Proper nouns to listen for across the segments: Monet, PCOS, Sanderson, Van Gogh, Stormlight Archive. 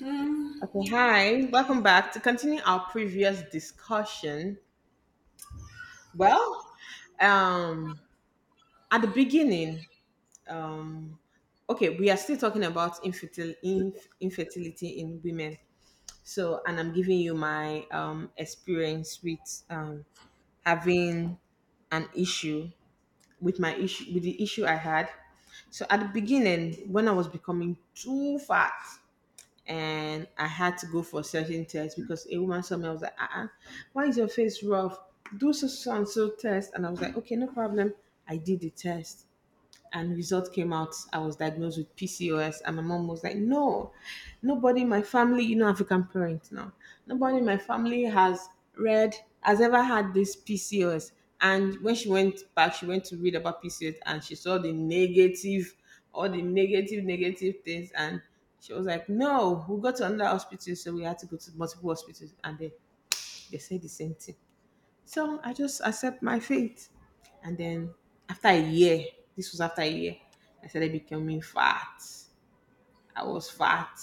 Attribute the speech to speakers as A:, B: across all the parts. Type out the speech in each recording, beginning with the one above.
A: Mm.
B: Okay, hi. Welcome back to continue our previous discussion. Well, um, at the beginning, okay, we are still talking about infertility in women. So, and I'm giving you my experience with having an issue with my issue with the issue I had. So, at the beginning, when I was becoming too fat, and I had to go for certain tests because a woman saw me. I was like, uh-uh, why is your face rough? Do so so and so test. And I was like, okay, no problem. I did the test and result came out. I was diagnosed with PCOS, and my mom was like, no nobody in my family, you know, African parents now, nobody in my family has read, has ever had this PCOS. And when she went back, she went to read about PCOS, and she saw the negative, all the negative negative things. And she was like, no, we got to another hospital. So we had to go to multiple hospitals, and they said the same thing. So I just accept my fate. And then after a year, this was after a year, I started becoming fat. I was fat.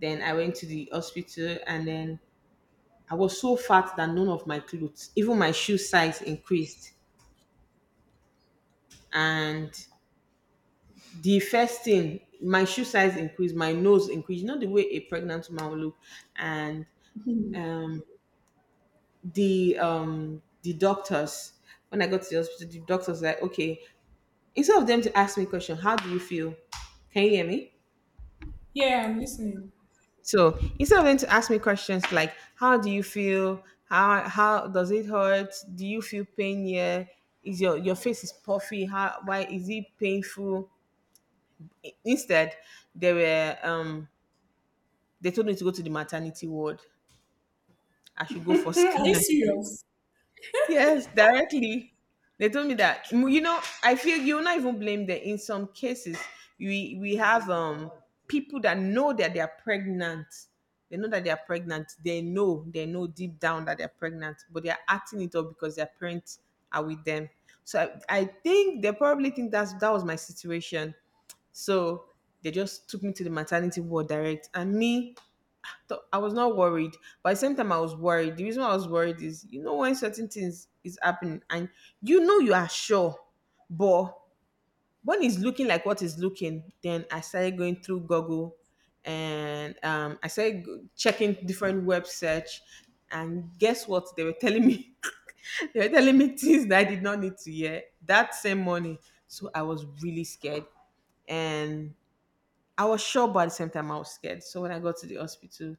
B: Then I went to the hospital, and then I was so fat that none of my clothes, even my shoe size increased. And the first thing, my shoe size increased, my nose increased, you know the way a pregnant woman will look. And um, the doctors, when I got to the hospital, the doctors were like, okay, instead of them to ask me question, how do you feel? Can you hear me?
A: Yeah, I'm listening.
B: So instead of them to ask me questions like, how do you feel? How does it hurt? Do you feel pain here? Is your face is puffy? How why is it painful? Instead, they were they told me to go to the maternity ward. I should go for
A: Are you
B: scan.
A: serious?
B: Yes, directly. They told me that. You know, I feel you're not even blame them. In some cases, we have people that know that they are pregnant. They know that they are pregnant. They know deep down that they're pregnant, but they are acting it up because their parents are with them. So I think they probably think that was my situation. So they just took me to the maternity ward direct, and me I was not worried, but at the same time, I was worried. The reason why I was worried is, you know, when certain things is happening and you know you are sure, but when it's looking like what is looking, then I started going through Google, and I started checking different web search. And guess what? They were telling me, they were telling me things that I did not need to hear that same morning. So I was really scared, and I was sure, but at the same time, I was scared. So when I got to the hospital,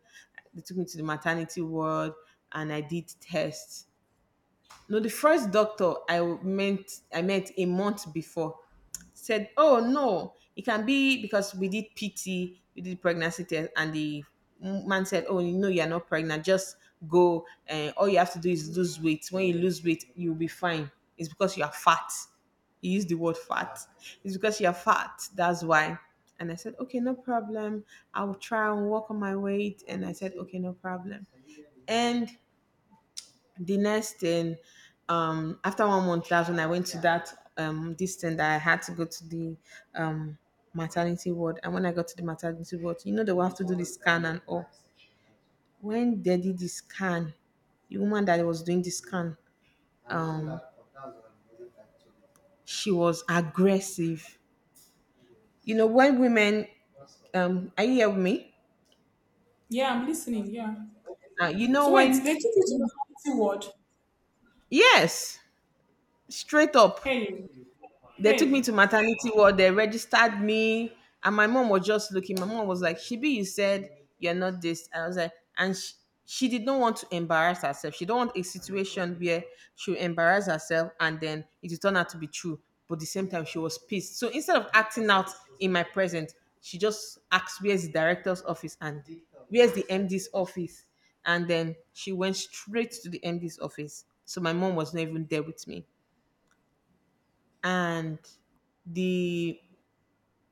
B: they took me to the maternity ward, and I did tests. No, the first doctor I meant I met a month before said, "Oh no, it can be because we did PT, we did pregnancy test, and the man said, "Oh no, you're not pregnant. Just go. And all you have to do is lose weight. When you lose weight, you'll be fine. It's because you are fat." He used the word fat. It's because you're fat. That's why. And I said, "Okay, no problem. I will try and work on my weight." And I said, "Okay, no problem." And the next thing, after one month, that's when I went to that this thing that I had to go to the um maternity ward. And when I got to the maternity ward, you know they will have to do the scan and all. When they did the scan, the woman that was doing the scan, um she was aggressive. You know when women, are you here with me?
A: Yeah, I'm listening. Yeah.
B: You know
A: So wait,
B: when,
A: they took you to maternity ward.
B: yes, straight up.
A: Hey,
B: They took me to
A: hey,
B: maternity ward. They registered me, and my mom was just looking. My mom was like, "Shibi, you said you're not this." I was like, she did not want to embarrass herself. She don't want a situation where she embarrass herself and then it will turn out to be true. But at the same time, she was pissed. So instead of acting out in my presence, she just asked, "Where's the director's office?" and "Where's the MD's office?" And then she went straight to the MD's office. So my mom was not even there with me, and the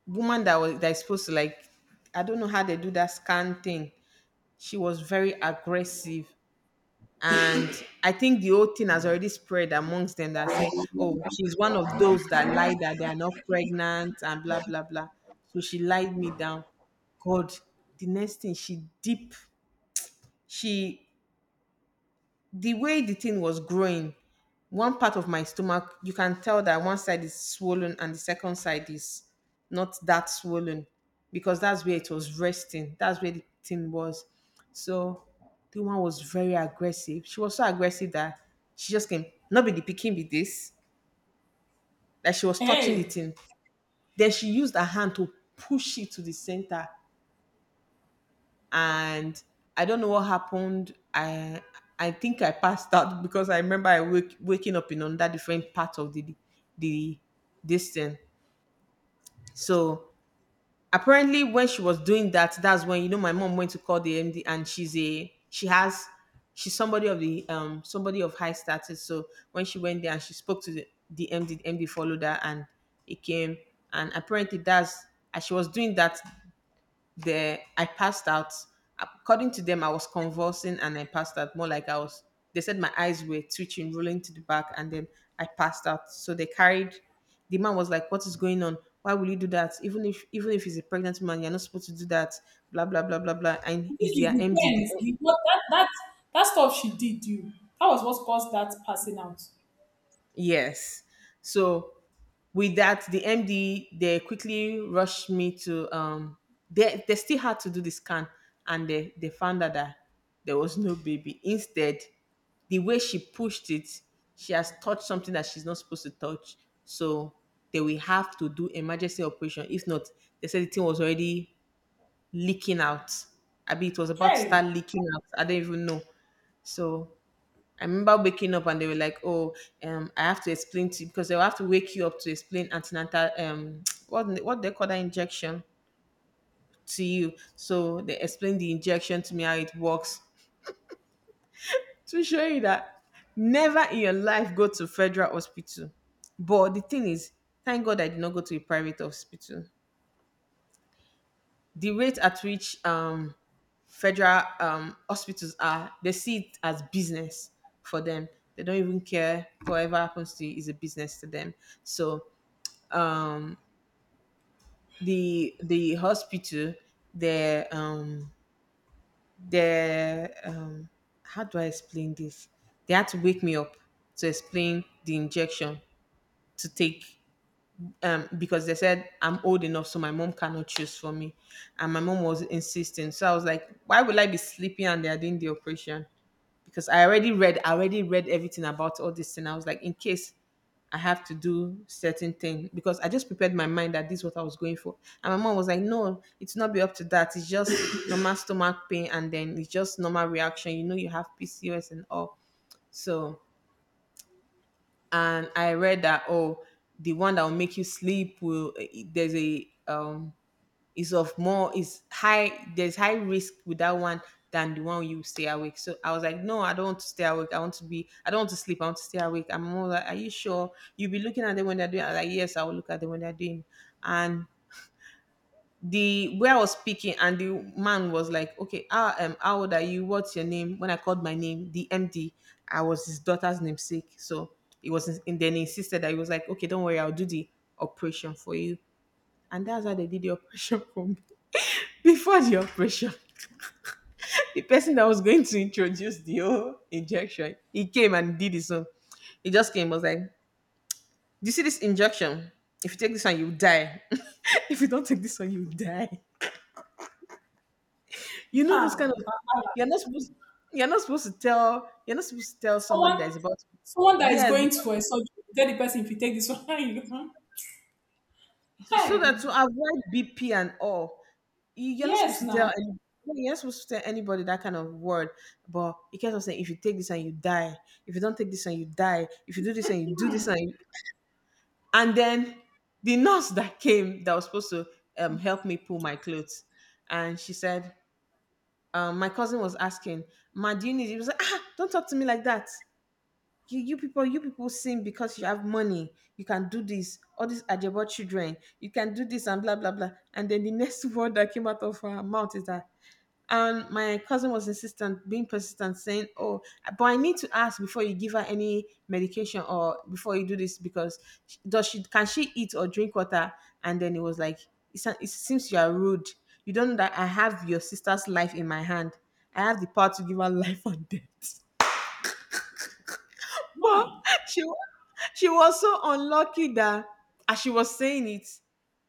B: woman that was that is supposed to like, I don't know how they do that scan thing, she was very aggressive. And I think the whole thing has already spread amongst them that say, oh, she's one of those that lie that they are not pregnant and blah blah blah. So she lied me down. God, the next thing she deep, she, the way the thing was growing, one part of my stomach, you can tell that one side is swollen and the second side is not that swollen because that's where it was resting. That's where the thing was. So the one was very aggressive. She was so aggressive that she just came, not be the picking with this, that she was touching the
A: hey.
B: thing. Then she used her hand to push it to the center. And I don't know what happened. I think I passed out because I remember I waking up in another different part of the this thing. So apparently, when she was doing that, that's when, you know, my mom went to call the MD, and she has she's somebody of the somebody of high status. So when she went there and she spoke to the MD, the MD followed her, and it came. And apparently, that's as she was doing that, there I passed out. According to them, I was convulsing and I passed out, more like I was, they said my eyes were twitching, rolling to the back, and then I passed out. So they carried, the man was like, what is going on? Why will you do that? Even if he's a pregnant man, you're not supposed to do that, blah blah blah blah blah. And
A: I think
B: is
A: it
B: their MD the,
A: depends. The, what, that stuff she did you. That was what caused that passing out.
B: yes. So with that, the MD, they quickly rushed me to they still had to do the scan, and they found out that there was no baby. Instead, the way she pushed it, she has touched something that she's not supposed to touch. So they will have to do emergency operation. If not, they said the thing was already leaking out. I mean it was about to
A: Hey,
B: start leaking out. I don't even know. So I remember waking up and they were like, "Oh, I have to explain to you because they'll have to wake you up to explain antenatal what they call that injection to you." So they explained the injection to me how it works, to show you that never in your life go to federal hospital. But the thing is, thank God I did not go to a private hospital. The rate at which federal hospitals are, they see it as business for them. They don't even care, whatever happens to you is a business to them. So um, the hospital, they um, they how do I explain this? They had to wake me up to explain the injection to take, because they said I'm old enough, so my mom cannot choose for me. And my mom was insisting. So I was like, why will I be sleeping and they are doing the operation? Because I already read everything about all this thing. I was like, in case I have to do certain thing, because I just prepared my mind that this is what I was going for. And my mom was like, no, it's not be up to that. It's just normal stomach pain and then it's just normal reaction. You know, you have PCOS and all. So and I read that, oh, the one that will make you sleep will there's a is of more is high, there's high risk with that one than the one you stay awake. So I was like, no, I don't want to stay awake. I want to be, I don't want to sleep. I want to stay awake. I'm more like, are you sure? You'll be looking at them when they're doing. I was like, yes, I will look at them when they're doing. And the where I was speaking and the man was like, okay, how old are you? What's your name? When I called my name, the MD, I was his daughter's namesake. So it was, and then he insisted. That he was like, okay, don't worry, I'll do the operation for you. And that's how they did the operation for me. Before the operation, the person that was going to introduce the whole injection, he came and did his own. He just came, was like, do you see this injection? If you take this one, you die. If you don't take this one, you die. You know those kind
A: huh.
B: of you're not supposed you're not supposed to tell somebody
A: Someone,
B: that is about,
A: someone that is
B: yes,
A: going
B: because
A: to a surgery. Tell the person if you take this one, you.
B: so that
A: Hey,
B: to avoid BP and all. You're not supposed
A: yes,
B: to tell
A: now.
B: any, you're not supposed to tell anybody that kind of word. But you can't say if you take this and you die, if you don't take this and you die, if you do this and you do this and you, and then the nurse that came that was supposed to help me pull my clothes, and she said, my cousin was asking, "Ma, do you need? It?" He was like, "Ah, don't talk to me like that. You people sing because you have money, you can do this, all these ajebo children you can do this and blah blah blah." And then the next word that came out of her mouth is that, and my cousin was insistent, being persistent, saying, oh, but I need to ask before you give her any medication or before you do this because she- does she can she eat or drink water? And then it was like, it seems you are rude, you don't know that I have your sister's life in my hand, I have the power to give her life and death. But
A: Why?
B: she wa she was so unlucky that as she was saying it,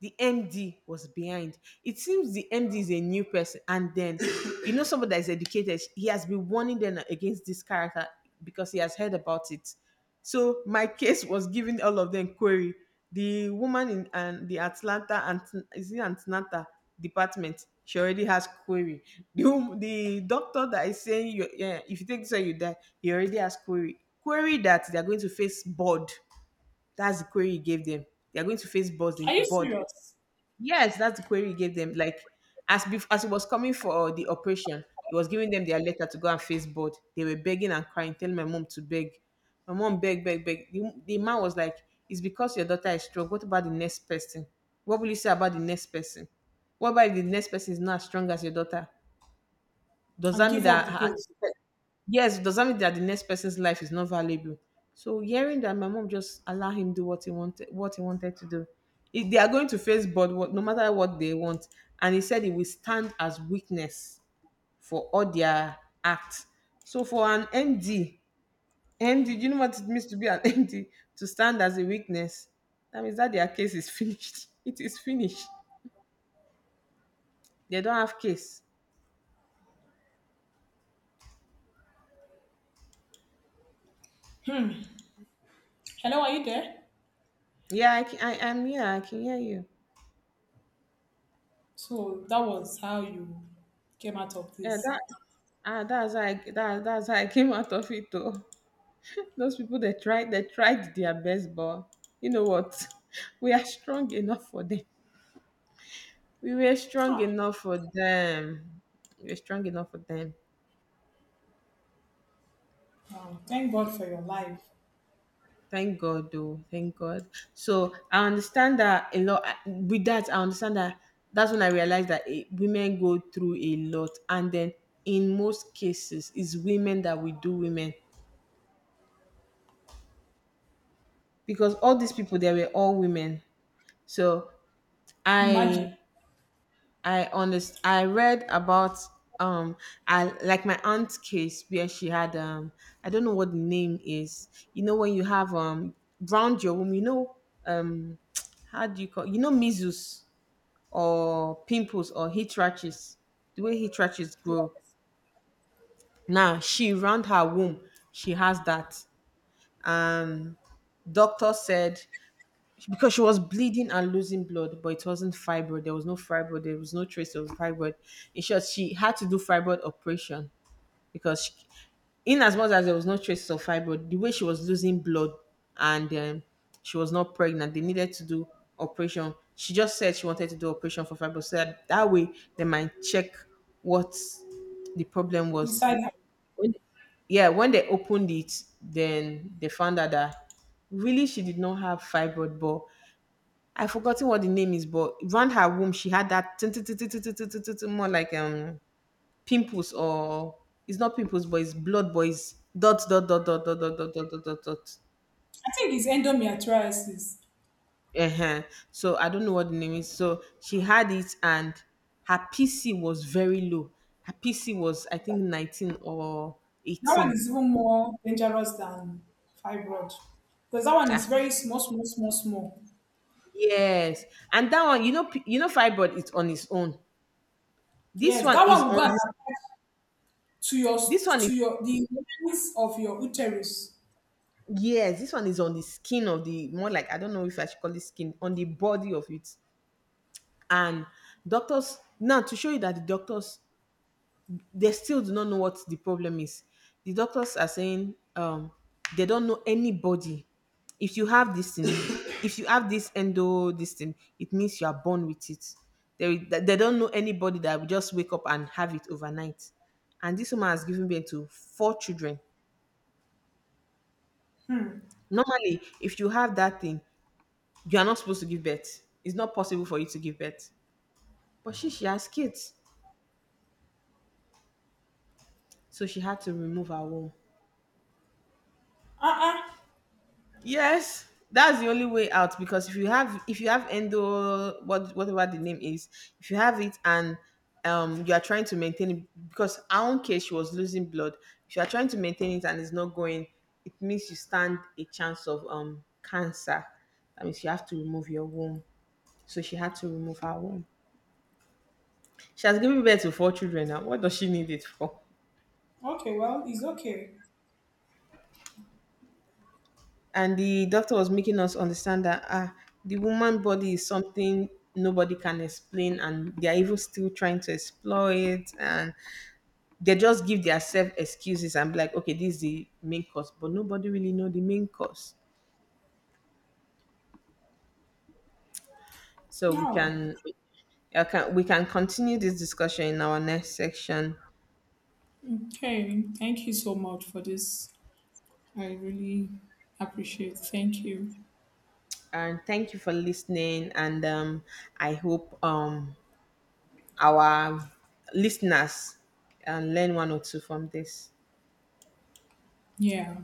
B: the MD was behind. It seems the MD is a new person, and then, you know, somebody that is educated. He has been warning them against this character because he has heard about it. So my case was given all of them query. The woman in and the Atlanta and, is it Atlanta department? She already has query. The doctor that is saying, you yeah, if you take this one you die, he already has query. Query that they are going to face board. That's the query he gave them. They are going to face board
A: Are you
B: board
A: serious?
B: Yes, that's the query he gave them. Like, as it was coming for the operation, he was giving them their letter to go and face board. They were begging and crying, telling my mom to beg. My mom beg, beg, beg. The man was like, "It's because your daughter is strong. What about the next person? What will you say about the next person? What about if the next person is not as strong as your daughter? Does
A: And
B: that mean
A: give up
B: that
A: the
B: her,"
A: ghost.
B: yes, "does that mean that the next person's life is not valuable?" So hearing that, my mom just allow him do what he wanted to do. If they are going to face board, what, no matter what they want, and he said he will stand as witness for all their acts. So for an MD, do you know what it means to be an MD? To stand as a witness, that means that their case is finished. It is finished. They don't have case.
A: Hello, are you there?
B: Yeah, I am here. I can hear you.
A: So that was how you came out of
B: Yeah,
A: this.
B: that's how I came out of it though. Those people, they tried their best, but you know what? We are strong enough for them. We were strong
A: Ah,
B: enough for them. We were strong enough for them.
A: wow. Thank God for your life.
B: Thank God though. Thank God. So I understand that a lot. With that, I understand that, that's when I realized that women go through a lot, and then in most cases it's women that we do women, because all these people, they were all women. So
A: Imagine,
B: I I understand. I read about um I like my aunt's case where she had, I don't know what the name is. You know when you have, round your womb, you know, um how do you call, you know, measles or pimples or heat rashes, the way heat rashes
A: yeah,
B: grow. Now, she round her womb, she has that. Um Doctor said because she was bleeding and losing blood, but it wasn't fibroid. There was no fibroid. There was no trace of fibroid. In short, she had to do fibroid operation because, she, in as much as there was no traces of fibroid, the way she was losing blood and, she was not pregnant, they needed to do operation. She just said she wanted to do operation for fibroid so that, that way, they might check what the problem was.
A: inside. I
B: When, yeah, when they opened it, then they found out that really she did not have fibroid, but I've forgotten what the name is. But around her womb, she had that tin- tin- tin- tin- tin- tin- tin- tin- tin- tin- more like, pimples, or it's not pimples, but it's blood, but it's dot dot dot dot dot dot dot dot dot dot dot.
A: think it's endometriosis.
B: Uh-huh. So I don't know what the name is. So she had it, and her PC was very low. Her PC was, I think, 19 or
A: That one
B: 18.
A: is even more dangerous than fibroid because that one
B: Ah,
A: is very small, small, small, small.
B: yes. And that one, you know, you know, fibroid is on its own. This
A: Yes,
B: one
A: that
B: is
A: one will
B: on
A: go and
B: this.
A: attach to your,
B: This one is
A: to your, the lining of your uterus.
B: Yes, this one is on the skin of the, more like, I don't know if I should call it skin, on the body of it. And doctors, now to show you that the doctors, they still do not know what the problem is. The doctors are saying, they don't know anybody. If you have this thing, if you have this endo this thing, it means you are born with it. They don't know anybody that will just wake up and have it overnight. And this woman has given birth to 4 children. Normally, if you have that thing, you are not supposed to give birth. It's not possible for you to give birth. But she has kids. So she had to remove her womb.
A: Uh.
B: Yes, that's the only way out. Because if you have endo, what whatever the name is, if you have it and you are trying to maintain it, because our own case, she was losing blood. If you are trying to maintain it and it's not going, it means you stand a chance of cancer. That means you have to remove your womb. So she had to remove her womb. She has given birth to four children now. What does she need it for?
A: Okay, well, it's okay.
B: And the doctor was making us understand that, ah, the woman body is something nobody can explain, and they are even still trying to explore it, and they just give themselves excuses and be like, okay, this is the main cause, but nobody really know the main cause. So we
A: No.
B: can, I can we can continue this discussion in our next section.
A: Okay. Thank you so much for this. I really appreciate. Thank you.
B: And thank you for listening. And, I hope, our listeners learn one or two from this.
A: Yeah.